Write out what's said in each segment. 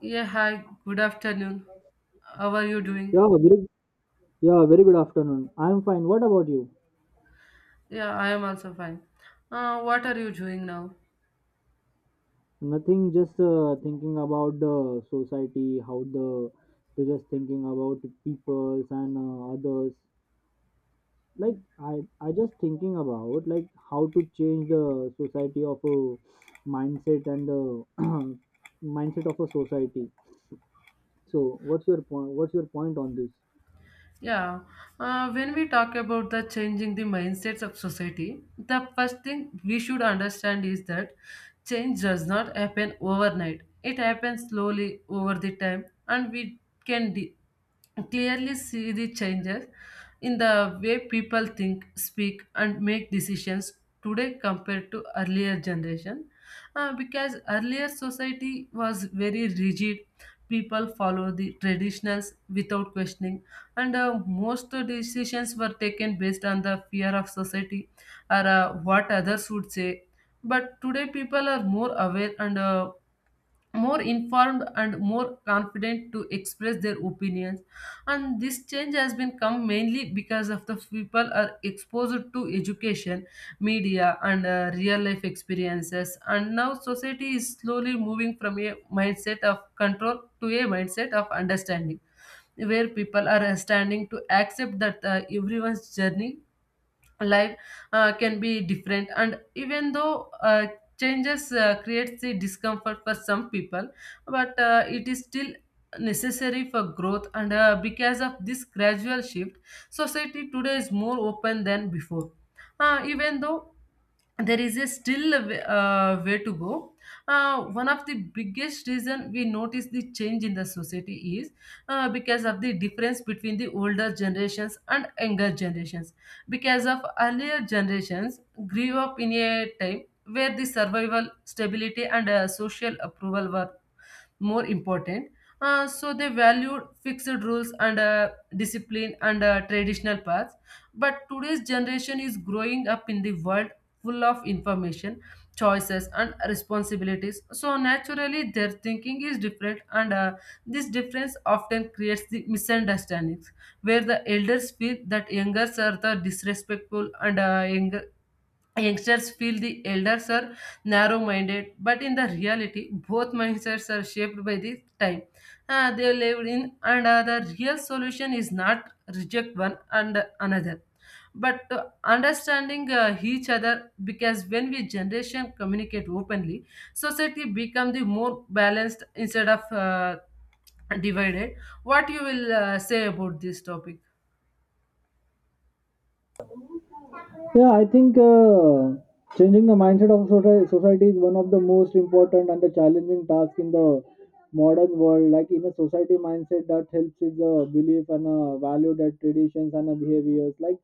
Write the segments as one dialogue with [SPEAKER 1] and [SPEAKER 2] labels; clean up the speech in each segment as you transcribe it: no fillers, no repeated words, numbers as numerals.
[SPEAKER 1] Yeah, hi, good afternoon. How are you doing?
[SPEAKER 2] Yeah, very, yeah, very good afternoon. I'm fine. What about you?
[SPEAKER 1] Yeah, I am also fine. What are you doing now?
[SPEAKER 2] Nothing, just thinking about the society, how the they're just thinking about peoples and others. Like I just thinking about like how to change the society of a mindset and the mindset of a society. So, what's your point? What's your point on this?
[SPEAKER 1] Yeah, when we talk about the changing the mindsets of society, the first thing we should understand is that change does not happen overnight. It happens slowly over the time, and we can clearly see the changes in the way people think, speak, and make decisions today compared to earlier generation. Because earlier society was very rigid, people follow the traditionals without questioning, and most decisions were taken based on the fear of society or what others would say. But today people are more aware and more informed and more confident to express their opinions, and this change has been come mainly because of the people are exposed to education, media, and real life experiences. And now society is slowly moving from a mindset of control to a mindset of understanding, where people are standing to accept that everyone's journey life can be different. And even though changes creates the discomfort for some people, but it is still necessary for growth. And because of this gradual shift, society today is more open than before, even though there is a still a way way to go. One of the biggest reason we notice the change in the society is because of the difference between the older generations and younger generations. Because of earlier generations grew up in a time where the survival, stability, and social approval were more important. So they valued fixed rules and discipline and traditional paths. But today's generation is growing up in the world full of information, choices, and responsibilities. So naturally, their thinking is different, and this difference often creates the misunderstandings, where the elders feel that youngers are the disrespectful and youngsters feel the elders are narrow minded. But in the reality, both mindsets are shaped by the time they lived in, and the real solution is not reject one and another but understanding each other, because when we generation communicate openly, society become the more balanced instead of divided. What you will say about this topic?
[SPEAKER 2] Yeah, I think changing the mindset of society is one of the most important and the challenging task in the modern world. Like in a society mindset that helps is a belief and a value that traditions and a behaviors. Like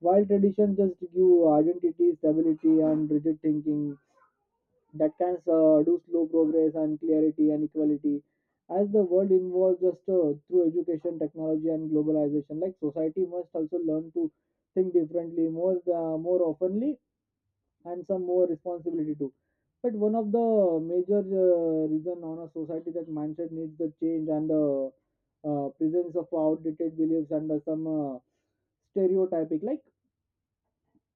[SPEAKER 2] while tradition just give identity, stability, and rigid thinking, that can do slow progress and clarity and equality as the world evolves just through education technology and globalization like society must also learn to think differently more openly and some more responsibility too, but one of the major reason on a society that mindset needs the change and the presence of outdated beliefs and some stereotyping. Like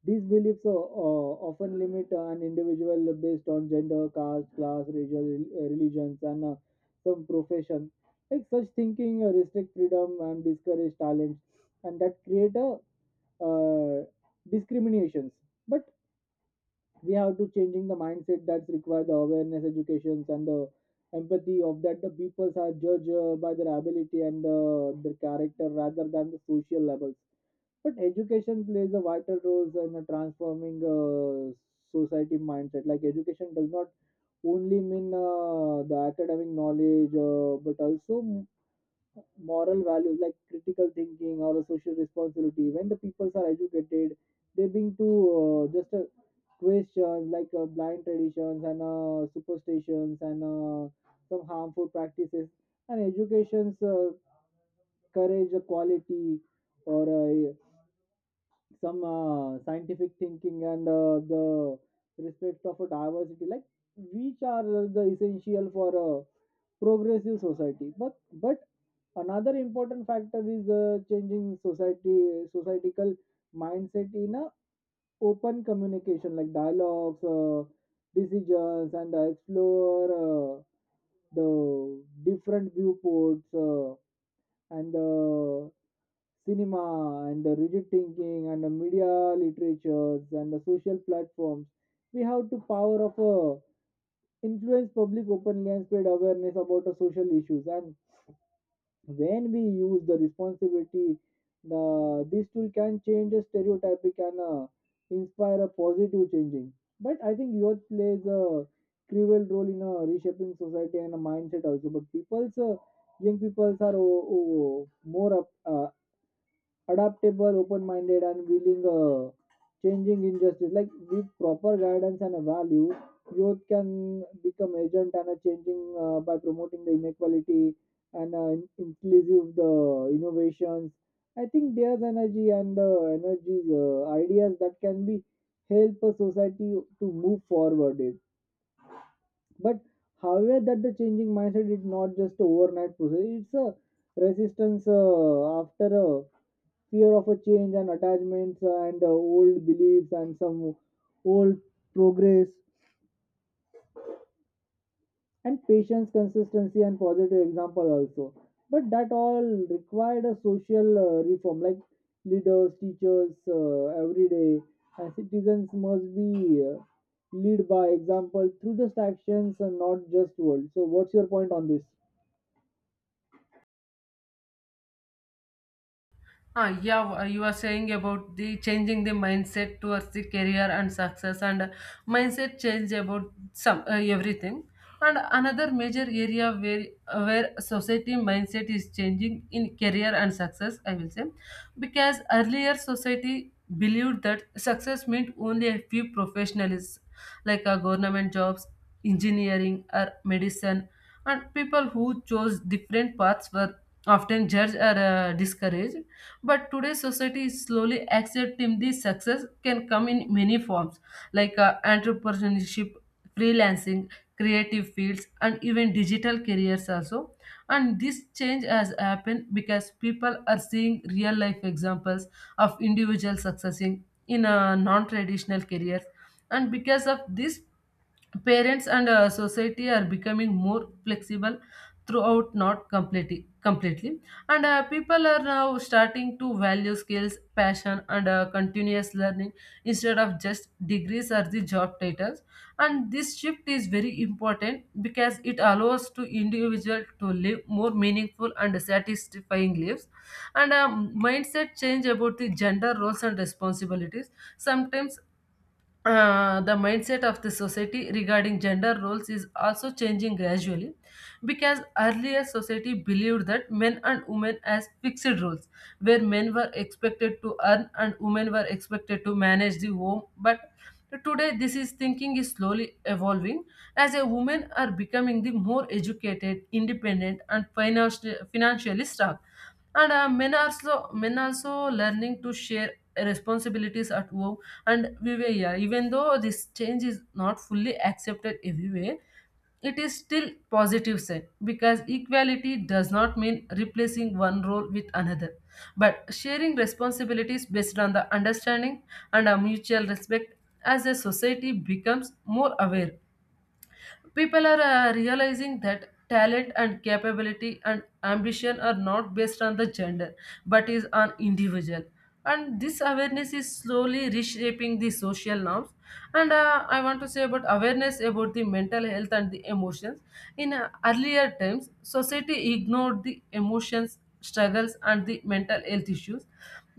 [SPEAKER 2] these beliefs often limit an individual based on gender, caste, class, region, religions, and some profession. Like such thinking restrict freedom and discourage talent, and that create a uh, discriminations. But we have to changing the mindset. That's required the awareness, educations, and the empathy of that the peoples are judged by their ability and their character rather than the social levels, but education plays a vital role in transforming society mindset. Like education does not only mean the academic knowledge, but also moral values like critical thinking or social responsibility. When the peoples are educated, they bring to just a questions like blind traditions and superstitions and some harmful practices. And education's courage, quality, or some scientific thinking and the respect of a diversity, like which are the essential for a progressive society, but another important factor is changing society societal mindset in a open communication like dialogues, decisions, and explore the different viewports and cinema and the rigid thinking and the media literatures and the social platforms. We have to power of influence public openly and spread awareness about the social issues, and when we use the responsibility, the this tool can change the stereotypic and inspire a positive changing. But I think youth plays a cruel role in reshaping society and a mindset also, but people's young peoples are more up, uh, adaptable, open-minded, and willing changing injustice. Like with proper guidance and a value, youth can become agent and a changing by promoting the inequality and inclusive the innovations. I think there's energy and energy ideas that can be help a society to move forward. It, but however that the changing mindset is not just a overnight process. It's a resistance after a fear of a change and attachments and old beliefs and some old progress and patience consistency and positive example also, but that all required a social reform like leaders teachers every day and citizens must be lead by example through just actions and not just words. So what's your point on this?
[SPEAKER 1] You are saying about the changing the mindset towards the career and success and mindset change about some everything. And another major area where society mindset is changing in career and success, I will say, because earlier society believed that success meant only a few professionals like government jobs, engineering or medicine, and people who chose different paths were often judged or discouraged. But today's society is slowly accepting this success can come in many forms like entrepreneurship, freelancing, creative fields, and even digital careers also. And this change has happened because people are seeing real life examples of individuals succeeding in a non traditional careers. And because of this, parents and society are becoming more flexible throughout, not completely, and people are now starting to value skills, passion, and continuous learning instead of just degrees or the job titles. And this shift is very important because it allows to individual to live more meaningful and satisfying lives. And mindset change about the gender roles and responsibilities sometimes. Uh, the mindset of the society regarding gender roles is also changing gradually, because earlier society believed that men and women as fixed roles, where men were expected to earn and women were expected to manage the home. But today this is thinking is slowly evolving, as a women are becoming the more educated, independent, and financially strong, and men are so men also learning to share responsibilities at home. And we were, yeah, even though this change is not fully accepted everywhere, it is still positive sign, because equality does not mean replacing one role with another but sharing responsibilities based on the understanding and a mutual respect. As a society becomes more aware, people are realizing that talent and capability and ambition are not based on the gender but is on individual, and this awareness is slowly reshaping the social norms. And I want to say about awareness about the mental health and the emotions. In earlier times, society ignored the emotions, struggles, and the mental health issues,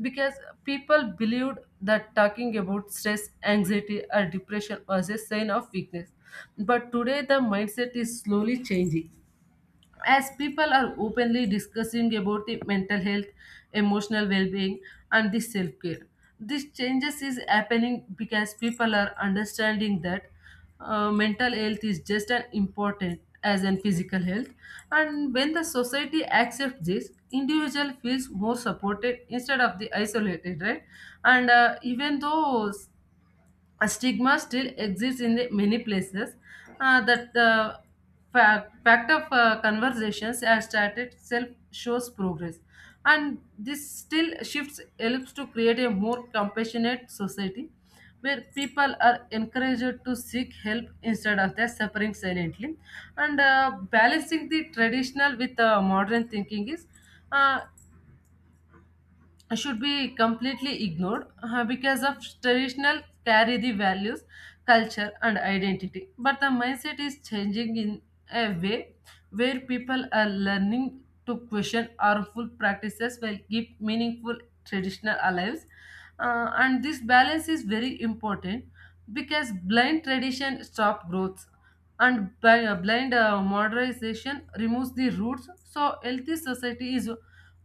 [SPEAKER 1] because people believed that talking about stress, anxiety, or depression was a sign of weakness. But today, the mindset is slowly changing, as people are openly discussing about the mental health, emotional well-being, and the self-care. These changes is happening because people are understanding that mental health is just as important as in physical health, and when the society accepts this, individual feels more supported instead of the isolated, right? And even though a stigma still exists in the many places, that the fact of conversations has started self shows progress. And this still shifts helps to create a more compassionate society where people are encouraged to seek help instead of their suffering silently. And balancing the traditional with modern thinking is, uh, should be completely ignored, because of traditional carry the values, culture, and identity. But the mindset is changing in a way where people are learning to question harmful practices while keep meaningful traditional lives. And this balance is very important, because blind tradition stop growth, and blind modernization removes the roots. So healthy society is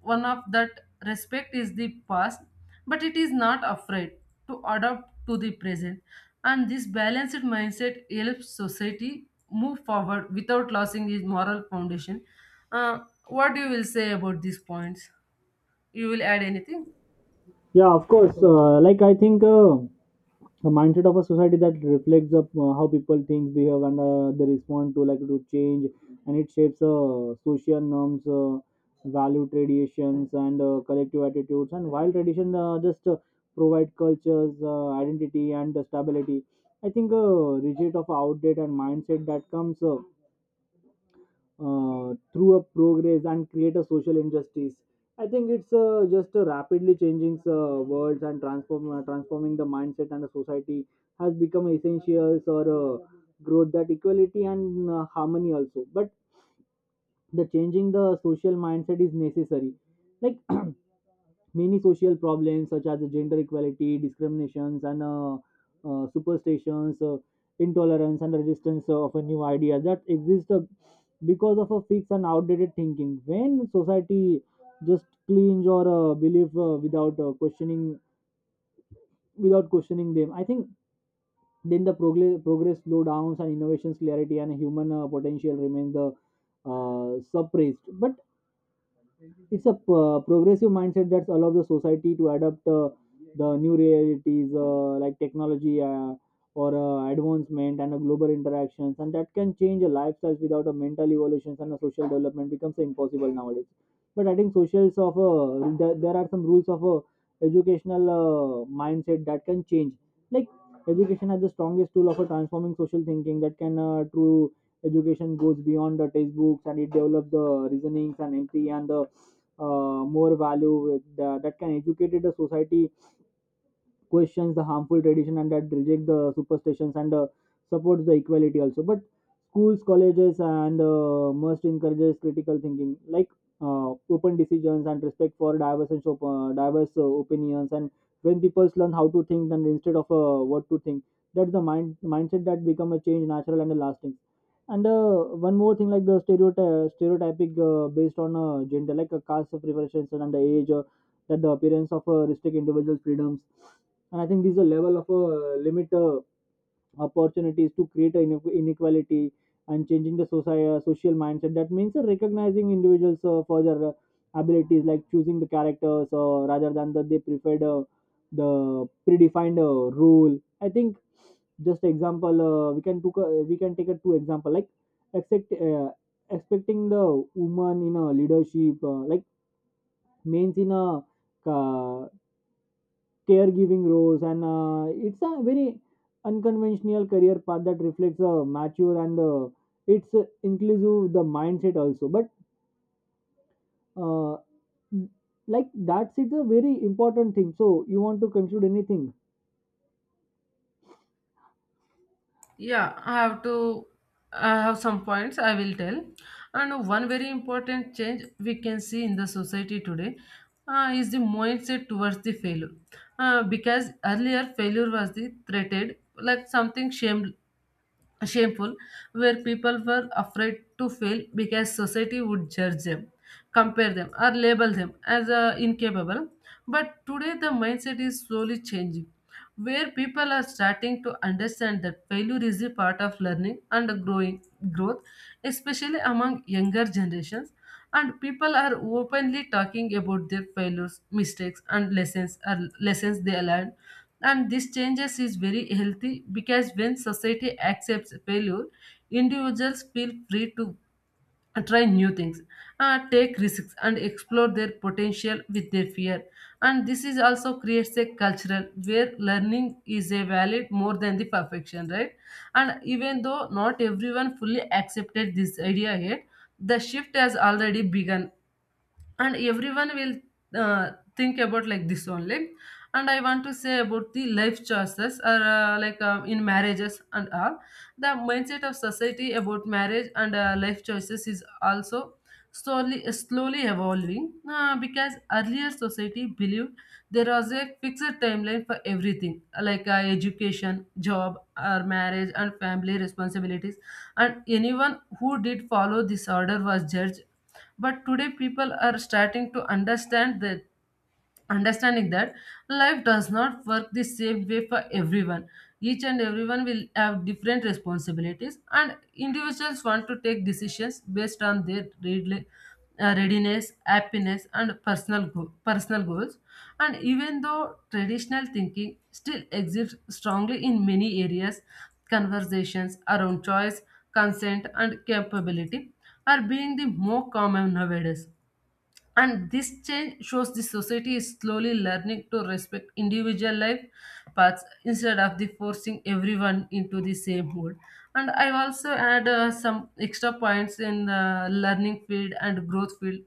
[SPEAKER 1] one of the respect is the past, but it is not afraid to adapt to the present. And this balanced mindset helps society move forward without losing its moral foundation. Uh, what you will say about these points? You will add anything?
[SPEAKER 2] Yeah, of course. Like I think the mindset of a society that reflects up how people think, behave, and they respond to like to change, and it shapes social norms, value traditions, and collective attitudes. And while tradition just provide cultures, identity, and stability, I think reject of outdated and mindset that comes through a progress and create a social injustice. I think it's just a rapidly changing worlds and transforming the mindset and the society has become essentials or growth that equality and harmony also. But the changing the social mindset is necessary. Like many social problems such as gender equality, discriminations, and superstitions, intolerance, and resistance of a new idea that exist because of a fixed and outdated thinking. When society just cleans or believe without questioning them, I think then the progress slowdowns and innovations clarity and human potential remain the suppressed. But it's a progressive mindset that allows the society to adapt the new realities like technology or advancement and global interactions, and that can change a lifestyle without a mental evolution and a social development becomes impossible nowadays. But I think socials of there are some rules of educational mindset that can change. Like education has the strongest tool of a transforming social thinking that can true education goes beyond the textbooks, and it develops the reasonings and empathy and the more value with the, that can educate the society questions the harmful tradition and that reject the superstitions and supports the equality also, but schools colleges and must encourages critical thinking, like open decisions and respect for diverse and diverse opinions. And when people learn how to think and instead of what to think, that's the mindset that become a change natural and lasting. And one more thing, like the stereotype stereotypic based on gender like a caste of preferences and the age that the appearance of restrict individuals freedoms. And I think this is a level of a limit opportunities to create an inequality, and changing the society, social mindset that means recognizing individuals for their abilities like choosing the characters rather than that they preferred the predefined rule. I think just example, we can take a two example, like expect uh, expecting the woman in a leadership, like means in a uh, caregiving roles, and it's a very unconventional career path that reflects a mature and it's inclusive the mindset also. But uh, like that's, it's a very important thing. So you want to conclude anything?
[SPEAKER 1] Yeah, I have to. I have some points I will tell. And one very important change we can see in the society today is the mindset towards the failure. Because earlier failure was the threatened, like something shamed shameful, where people were afraid to fail because society would judge them, compare them, or label them as incapable. But today, the mindset is slowly changing, where people are starting to understand that failure is a part of learning and growing growth, especially among younger generations, and people are openly talking about their failures, mistakes, and lessons they learned. And this changes is very healthy, because when society accepts failure, individuals feel free to and try new things, take risks, and explore their potential with their fear. And this is also creates a cultural where learning is a valid more than the perfection, right? And even though not everyone fully accepted this idea yet, the shift has already begun, and everyone will think about like this only. And I want to say about the life choices or in marriages and all. The mindset of society about marriage and life choices is also slowly, slowly evolving, because earlier society believed there was a fixed timeline for everything like education, job, or marriage and family responsibilities, and anyone who did follow this order was judged. But today, people are starting to understand that understanding that life does not work the same way for everyone. Each and everyone will have different responsibilities, and individuals want to take decisions based on their readiness, happiness, and personal goals. And even though traditional thinking still exists strongly in many areas, conversations around choice, consent, and capability are being the more common nowadays. And this change shows the society is slowly learning to respect individual life paths instead of the forcing everyone into the same mold. And I also add some extra points in the learning field and growth field.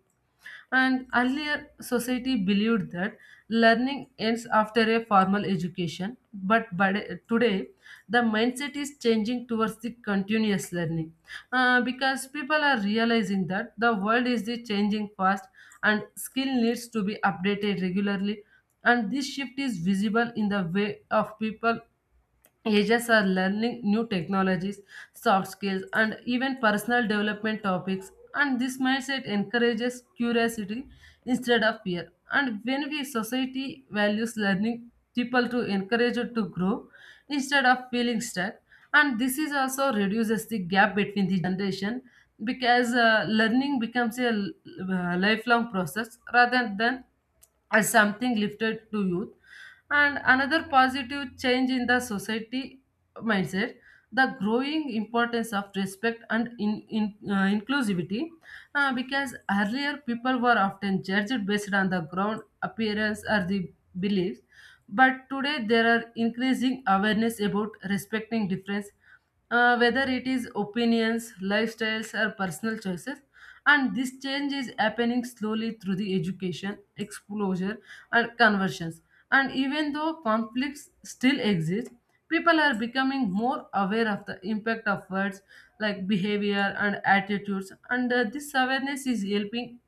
[SPEAKER 1] And earlier, society believed that learning ends after a formal education, but today, the mindset is changing towards the continuous learning. Because people are realizing that the world is the changing fast and skill needs to be updated regularly, and this shift is visible in the way of people. Ages are learning new technologies, soft skills, and even personal development topics. And this mindset encourages curiosity instead of fear. And when we society values learning, people to encourage it to grow instead of feeling stuck. And this is also reduces the gap between the generation, because learning becomes a lifelong process rather than as something lifted to youth. And another positive change in the society mindset, the growing importance of respect and inclusivity, because earlier people were often judged based on the ground appearance or the beliefs. But today there are increasing awareness about respecting difference, whether it is opinions, lifestyles, or personal choices. And this change is happening slowly through the education, exposure, and conversions. And even though conflicts still exist, people are becoming more aware of the impact of words like behavior and attitudes, and this awareness is helping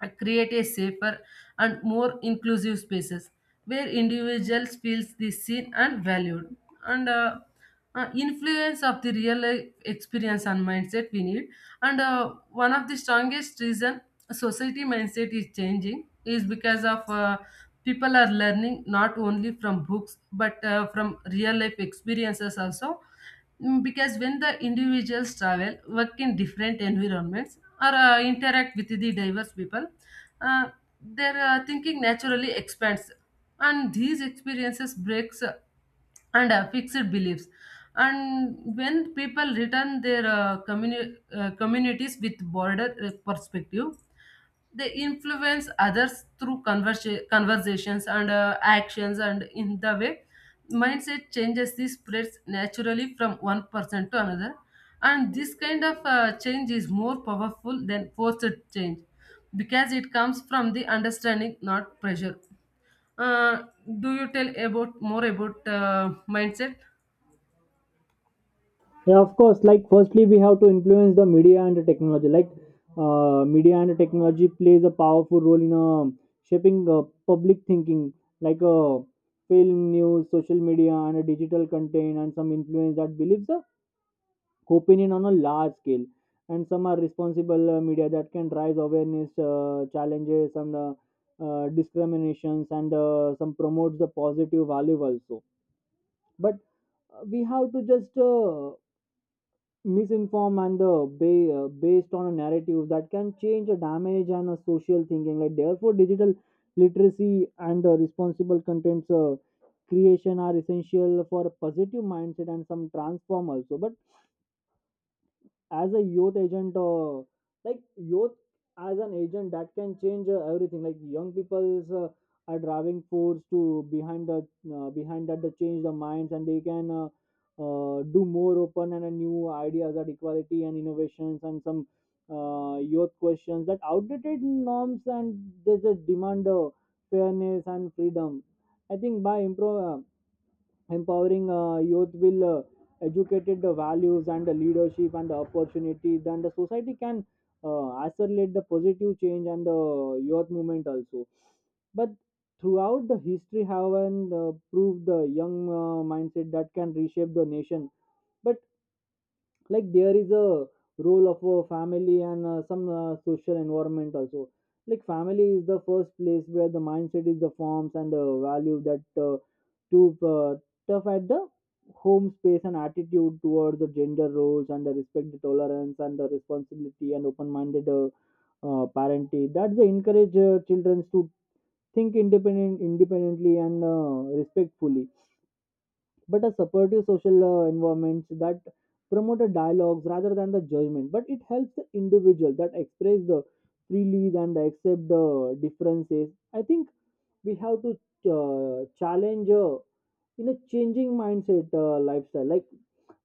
[SPEAKER 1] and create a safer and more inclusive spaces where individuals feels the seen and valued. And Influence of the real life experience and mindset we need. And One of the strongest reason society mindset is changing is because of people are learning not only from books but from real life experiences also. Mm, because when the individuals travel, work in different environments, or interact with the diverse people, uh, their thinking naturally expands, and these experiences breaks and fixed beliefs. And when people return their communities with broader perspective, they influence others through conversations and actions, and in the way mindset changes, this spreads naturally from one person to another. And this kind of change is more powerful than forced change, because it comes from the understanding, not pressure. uh, do you tell about more about mindset?
[SPEAKER 2] Yeah, of course. Like firstly we have to influence the media and the technology, like media and the technology plays a powerful role in shaping public thinking, like film news social media and digital content, and some influence that believes the opinion on a large scale. And some are responsible media that can raise awareness challenges and discriminations and some promotes the positive value also. But we have to just misinform and based on a narrative that can change a damage and a social thinking, like therefore digital literacy and responsible contents creation are essential for a positive mindset and some transform also. But as a youth agent, like youth as an agent that can change everything, like young people's are driving force to behind the behind that they change the minds, and they can do more open and new ideas at equality and innovations and some youth questions that outdated norms, and they just demand fairness and freedom. I think by improve empowering youth will educated the values and the leadership and the opportunity, then the society can accelerate the positive change and the youth movement also. But throughout the history have and proved the young mindset that can reshape the nation. But like there is a role of a family and some social environment also. Like family is the first place where the mindset is the forms and the value that to tough at the home space and attitude towards the gender roles and the respect the tolerance and the responsibility and open-minded parenting that's the encourage children to think independently and respectfully. But a supportive social environment that promote a dialogues rather than the judgment, but it helps the individual that express the freely than the accept the differences. I think we have to challenge in a changing mindset lifestyle. Like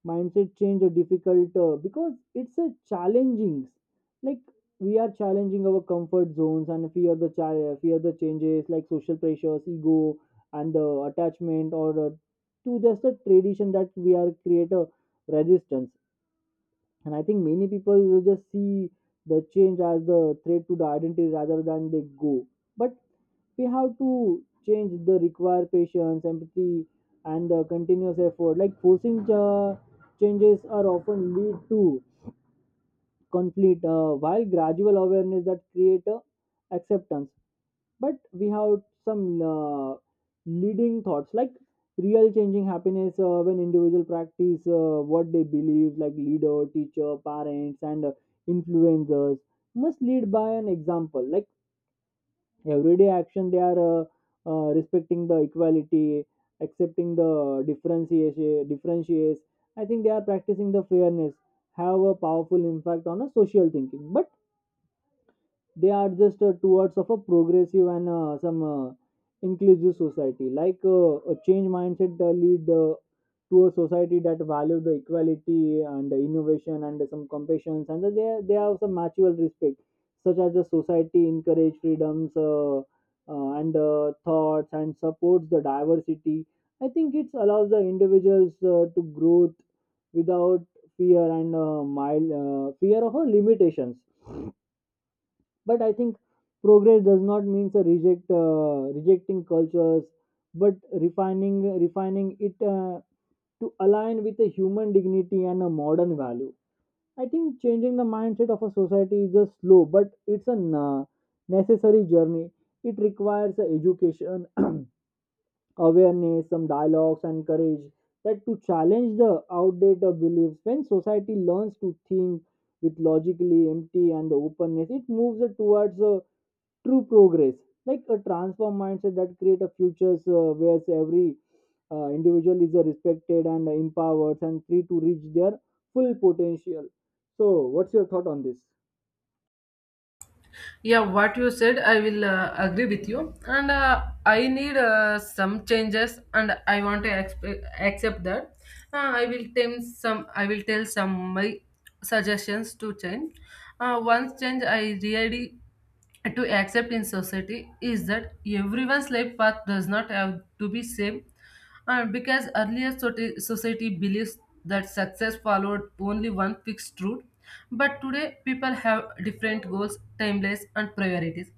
[SPEAKER 2] mindset change are difficult because it's a challenging. Like we are challenging our comfort zones and fear the changes like social pressures ego and the attachment or to just a tradition that we are create a resistance. And I think many people will just see the change as the threat to the identity rather than they go. But we have to change the require patience, empathy, and the continuous effort. Like forcing changes are often lead to conflict, while gradual awareness that create acceptance. But we have some leading thoughts, like real changing happiness when individual practice what they believe, like leader teacher parents and influencers must lead by an example, like everyday action they are respecting the equality accepting the differentiation differentiates. I think they are practicing the fairness, have a powerful impact on a social thinking. But they are just towards of a progressive and some inclusive society, like a change mindset lead to a society that value the equality and the innovation and some compassion, and they have some mutual respect, such as the society encourage freedoms and thoughts and supports the diversity. I think it allows the individuals to growth without fear and mild fear of limitations. But I think progress does not mean a rejecting cultures, but refining it to align with a human dignity and a modern value. I think changing the mindset of a society is a slow, but it's a necessary journey. It requires a education awareness some dialogues and courage that to challenge the outdated beliefs. When society learns to think with logically empty and the openness, it moves towards a true progress. Like a transform mindset that create a futures where every individual is respected and empowered and free to reach their full potential. So what's your thought on this?
[SPEAKER 1] Yeah, what you said, I will agree with you. And I need some changes, and I want to accept that. I will tell some. I will tell some my suggestions to change. Once change, I really to accept in society is that everyone's life path does not have to be same. And because earlier society believes that success followed only one fixed route, but today people have different goals, timelines, and priorities.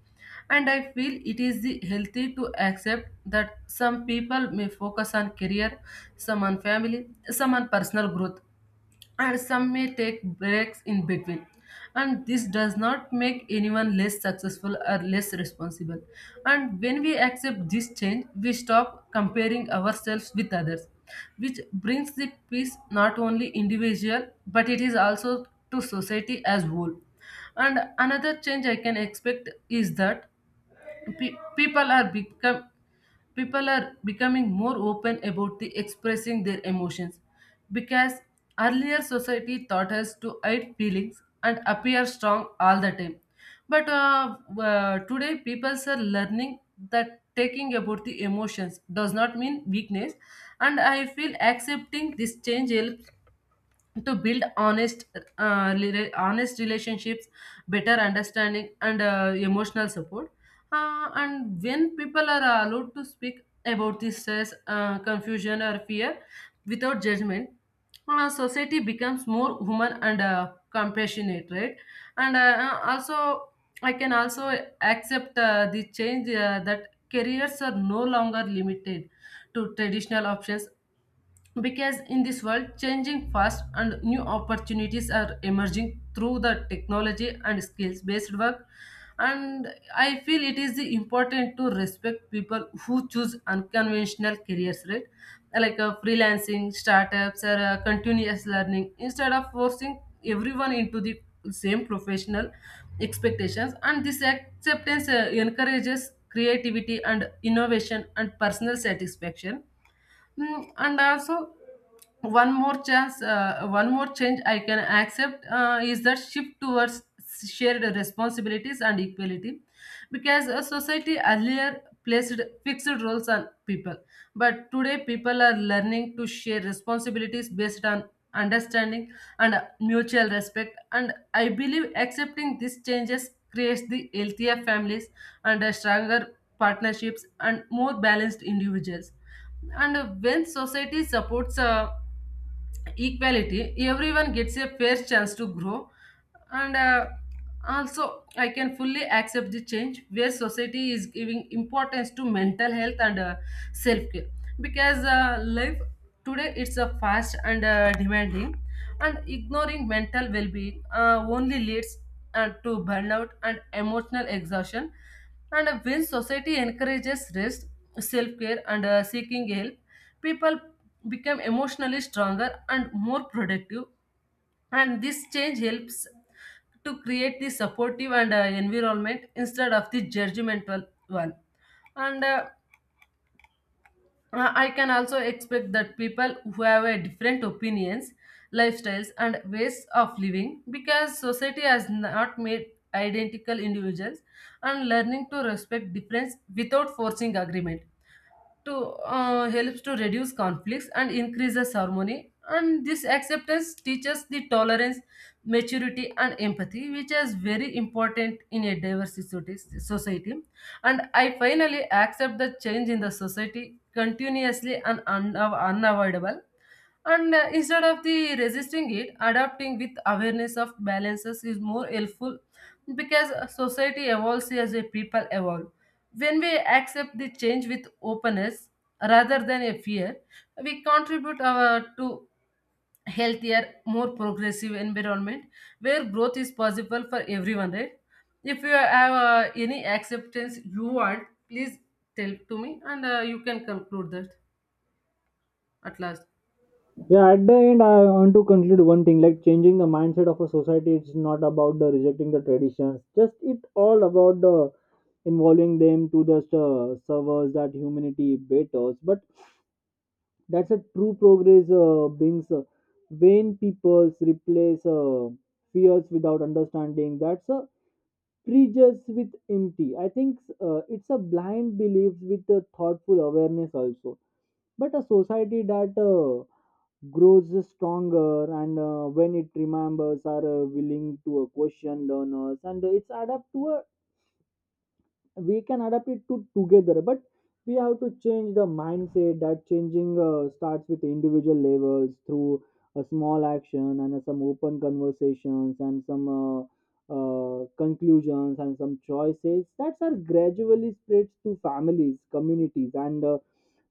[SPEAKER 1] And I feel it is the healthy to accept that some people may focus on career, some on family, some on personal growth, and some may take breaks in between. And this does not make anyone less successful or less responsible. And when we accept this change, we stop comparing ourselves with others, which brings the peace not only individual but it is also to society as whole. And another change I can expect is that pe- people are become people are becoming more open about the expressing their emotions, because earlier society taught us to hide feelings and appear strong all the time, but today people are learning that taking about the emotions does not mean weakness. And I feel accepting this change helps to build honest honest relationships, better understanding, and emotional support. And when people are allowed to speak about this stress, confusion, or fear without judgment, society becomes more human and compassionate, right? and Also, I can also accept the change that careers are no longer limited to traditional options, because in this world changing fast and new opportunities are emerging through the technology and skills based work. And I feel it is important to respect people who choose unconventional careers, right? Like freelancing, startups, or continuous learning instead of forcing everyone into the same professional expectations. And this acceptance encourages creativity and innovation and personal satisfaction. Mm, and also, one more chance, one more change I can accept is that shift towards shared responsibilities and equality, because a society earlier placed fixed roles on people, but today people are learning to share responsibilities based on understanding and mutual respect. And I believe accepting these changes creates the healthier families and stronger partnerships and more balanced individuals. And when society supports equality, everyone gets a fair chance to grow. And also, I can fully accept the change where society is giving importance to mental health and self care, because life today it's a fast and demanding, and ignoring mental well being only leads to burnout and emotional exhaustion. And when society encourages rest, self care, and seeking help, people become emotionally stronger and more productive. And this change helps to create the supportive and environment instead of the judgmental one. And I can also expect that people who have a different opinions, lifestyles, and ways of living, because society has not made identical individuals, and learning to respect difference without forcing agreement to helps to reduce conflicts and increases harmony. And this acceptance teaches the tolerance, maturity, and empathy, which is very important in a diverse society society. And I finally accept the change in the society continuously and unavoidable. And Instead of the resisting it, adapting with awareness of balances is more helpful, because society evolves as a people evolve. When we accept the change with openness rather than a fear, we contribute our to healthier, more progressive environment where growth is possible for everyone, right? If you have any acceptance you want, please tell to me, and you can conclude that at last.
[SPEAKER 2] Yeah, at the end I want to conclude one thing. Like changing the mindset of a society, it's not about the rejecting the traditions, just it all about the involving them to just serve us that humanity betters. But that's a true progress, Bings. When people replace fears without understanding, that's a prejudice with empty. I think it's a blind belief with a thoughtful awareness also. But a society that grows stronger and when it remembers are willing to question learners and it's adapt to a we can adapt it to together. But we have to change the mindset that changing starts with individual levels through a small action and some open conversations and some conclusions and some choices that are gradually spread to families communities and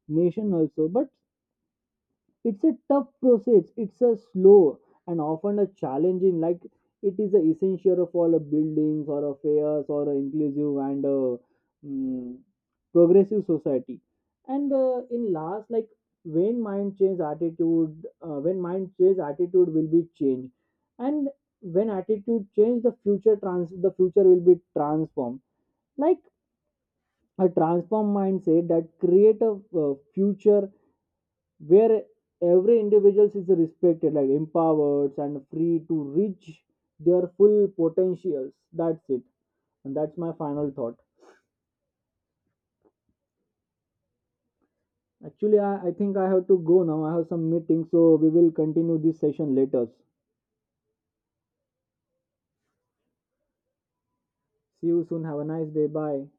[SPEAKER 2] nation also. But it's a tough process. It's a slow and often a challenging. Like it is a essential for the buildings or affairs or a inclusive and a mm, progressive society. And in last, like when mind change attitude will be changed, and when attitude change, the future trans the future will be transformed. Like a transform mindset that create a future where every individual is respected like empowered and free to reach their full potentials. That's it, and that's my final thought. Actually, I think I have to go now. I have some meeting, so we will continue this session later. See you soon. Have a nice day. Bye.